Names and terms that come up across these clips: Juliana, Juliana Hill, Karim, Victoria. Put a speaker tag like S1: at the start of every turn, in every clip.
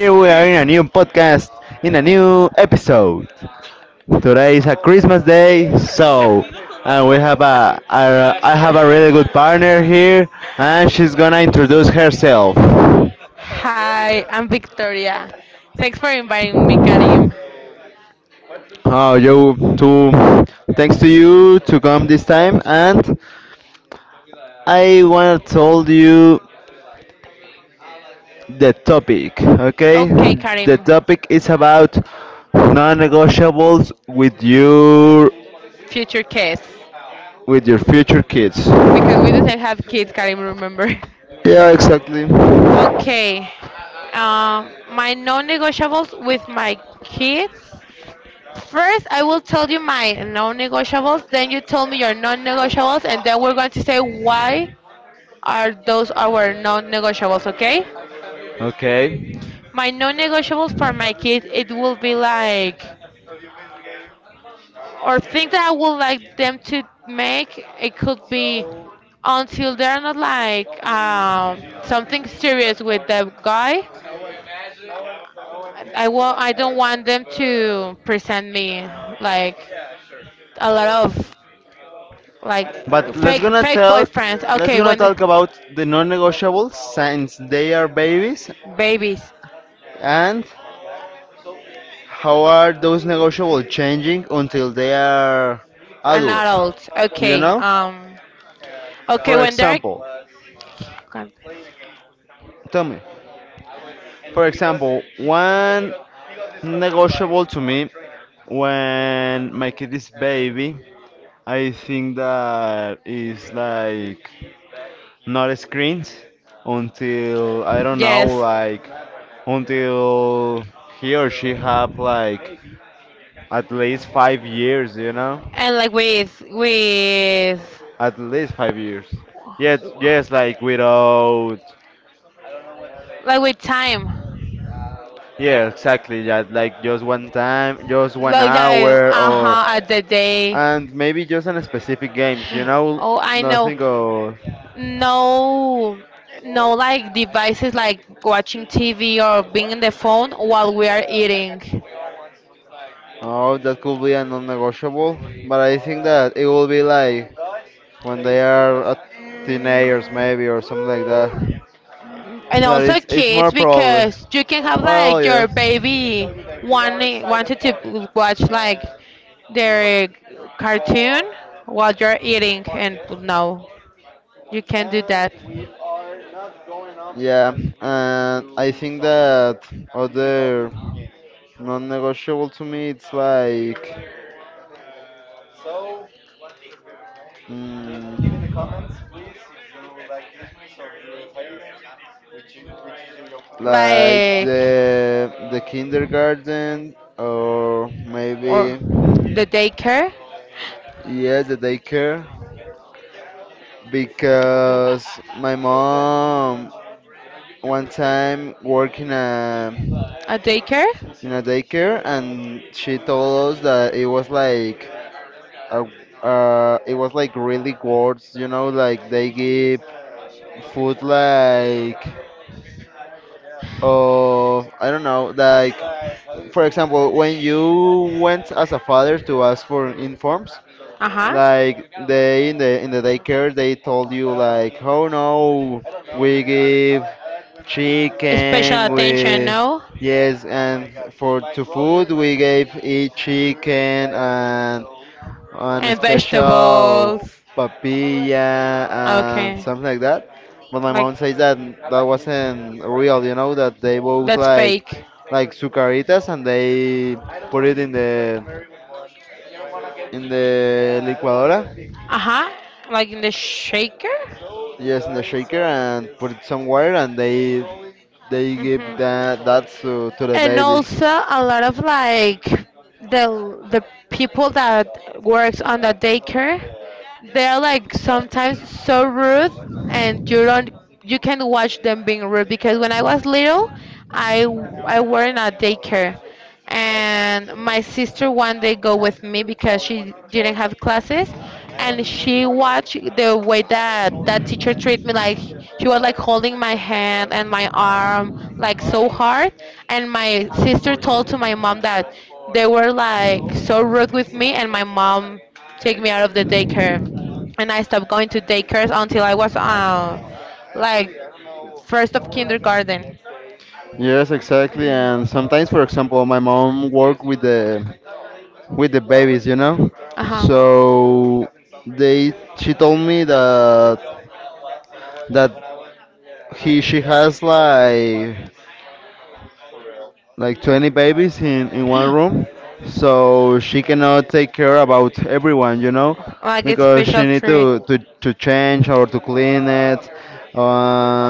S1: Here we are in a new podcast, in a new episode. Today is a Christmas day, so and we have a I have a really good partner here, and she's gonna introduce herself.
S2: Hi, I'm Victoria. Thanks for inviting me, Karim.
S1: Oh, you to thanks to you to come this time, and I wanna told you the topic. Okay,
S2: Okay,
S1: the
S2: Karim,
S1: topic is about non-negotiables
S2: future kids.
S1: with your future kids.
S2: Because we doesn't have kids, Karim, remember?
S1: Yeah, exactly.
S2: Okay. My non-negotiables with my kids. First, I will tell you my non-negotiables. Then you tell me your non-negotiables, and then we're going to say why are those our non-negotiables. Okay?
S1: Okay.
S2: My non-negotiables for my kids, it will be like or thing that I would like them to make, it could be until they're not like something serious with the guy. I will. I don't want them to present me like a lot of like
S1: But let's
S2: fake
S1: gonna
S2: fake
S1: talk
S2: boyfriends.
S1: Let's
S2: Okay,
S1: gonna
S2: when the
S1: talk about the non-negotiables since they are babies,
S2: babies
S1: and how are those negotiables changing until they are
S2: and
S1: adults.
S2: adults.
S1: You
S2: Okay.
S1: know?
S2: Okay,
S1: For
S2: when they're
S1: example,
S2: God,
S1: tell me. For example, one negotiable to me, when my kid is baby, I think that is like not screens until I don't know,
S2: yes,
S1: like, until he or she have like at least 5 years, you know?
S2: and like with
S1: At least 5 years. Yes, yes, like without
S2: like with time.
S1: yeah, exactly, yeah, like just one time, just one
S2: Like that,
S1: hour
S2: uh
S1: or
S2: huh, at the day.
S1: and maybe just on specific games, you know,
S2: Oh, I know.
S1: nothing or
S2: No, no, like devices like watching TV or being on the phone while we are eating.
S1: oh, that could be a non-negotiable, but I think that it will be like when they are teenagers, maybe, or something like that.
S2: And
S1: That
S2: also
S1: it's more
S2: kids,
S1: probably.
S2: because you can have
S1: Well,
S2: like
S1: yeah.
S2: your baby wanting wanted to watch like their cartoon while you're eating, and no, you can't do that.
S1: Yeah, and I think that other non-negotiable to me, it's like. Mm, like,
S2: Like,
S1: the kindergarten, or maybe
S2: or the daycare,
S1: yeah, the daycare, because my mom one time worked
S2: a daycare.
S1: in a daycare, and she told us that uh, it was like really words, you know, like they give food like, oh, I don't know, like, for example, when you went as a father to ask for informs,
S2: Uh huh.
S1: like they in the daycare they told you like, oh no, we give
S2: Special
S1: chicken
S2: attention,
S1: with
S2: no?
S1: yes, and for to food we gave each chicken and a
S2: And
S1: special
S2: vegetables.
S1: papilla and
S2: Okay.
S1: something like that, but my
S2: Like,
S1: mom says that that wasn't real, you know, that they bought
S2: that's fake.
S1: like sucaritas, and they put it in the licuadora.
S2: Uh huh. Like in the shaker?
S1: Yes, in the shaker, and put it somewhere, and they give
S2: Hmm.
S1: that that to the
S2: And
S1: babies.
S2: also a lot of like the people that works on the daycare, they're like sometimes so rude, and you don't you can watch them being rude because when I was little, I I were in a daycare, and my sister one day go with me because she didn't have classes, and she watched the way that that teacher treated me, like she was like holding my hand and my arm like so hard, and my sister told to my mom that they were like so rude with me, and my mom take me out of the daycare, and I stopped going to daycares until I was like first of kindergarten.
S1: Yes, exactly.
S2: Hmm.
S1: And sometimes, for example, my mom work with the babies, you know.
S2: Uh-huh.
S1: So they she told me that that he she has like 20 babies in one room, so she cannot take care about everyone, you know,
S2: Like it's
S1: because she
S2: special
S1: need
S2: treat,
S1: to change or to clean it,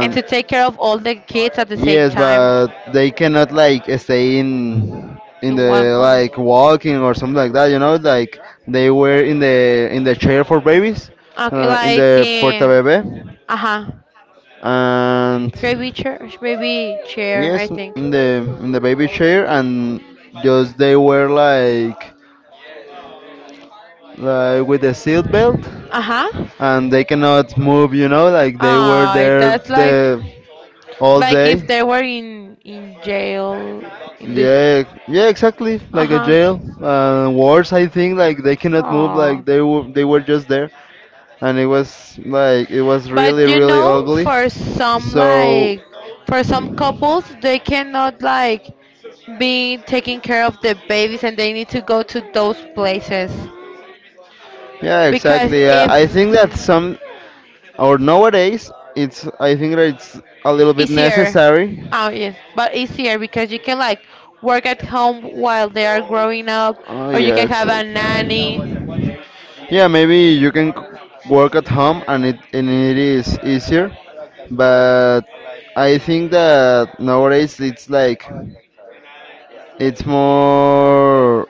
S2: and to take care of all the kids at the same
S1: yes,
S2: time
S1: but they cannot like stay in
S2: in one
S1: the
S2: place.
S1: like walking or something like that, you know, like they were in the chair for babies,
S2: Okay,
S1: in
S2: like
S1: the porta bebe,
S2: uh-huh,
S1: and
S2: baby chair, I
S1: yes,
S2: think.
S1: in the baby chair, and just they were like with the seat belt,
S2: Uh-huh.
S1: and they cannot move. You know, like they were
S2: Ah,
S1: there
S2: that's
S1: the all
S2: like if
S1: day.
S2: they were in jail in the
S1: Yeah, yeah, exactly, like a jail.
S2: uh-huh.
S1: Worse, I think, like they cannot move. Like
S2: Oh.
S1: they were just there, and it was like it was
S2: But
S1: really
S2: you
S1: really
S2: know,
S1: ugly.
S2: for some
S1: So
S2: like for some couples, they cannot like be taking care of the babies and they need to go to those places.
S1: yeah,
S2: Because
S1: exactly.
S2: if
S1: I think that some or nowadays, it's I think that it's a little bit
S2: easier.
S1: necessary.
S2: Oh yes, but easier because you can like work at home while they are growing up,
S1: Oh
S2: or you
S1: yeah,
S2: can have a
S1: exactly.
S2: nanny.
S1: Yeah, maybe you can work at home and it is easier, but I think that nowadays it's like it's more.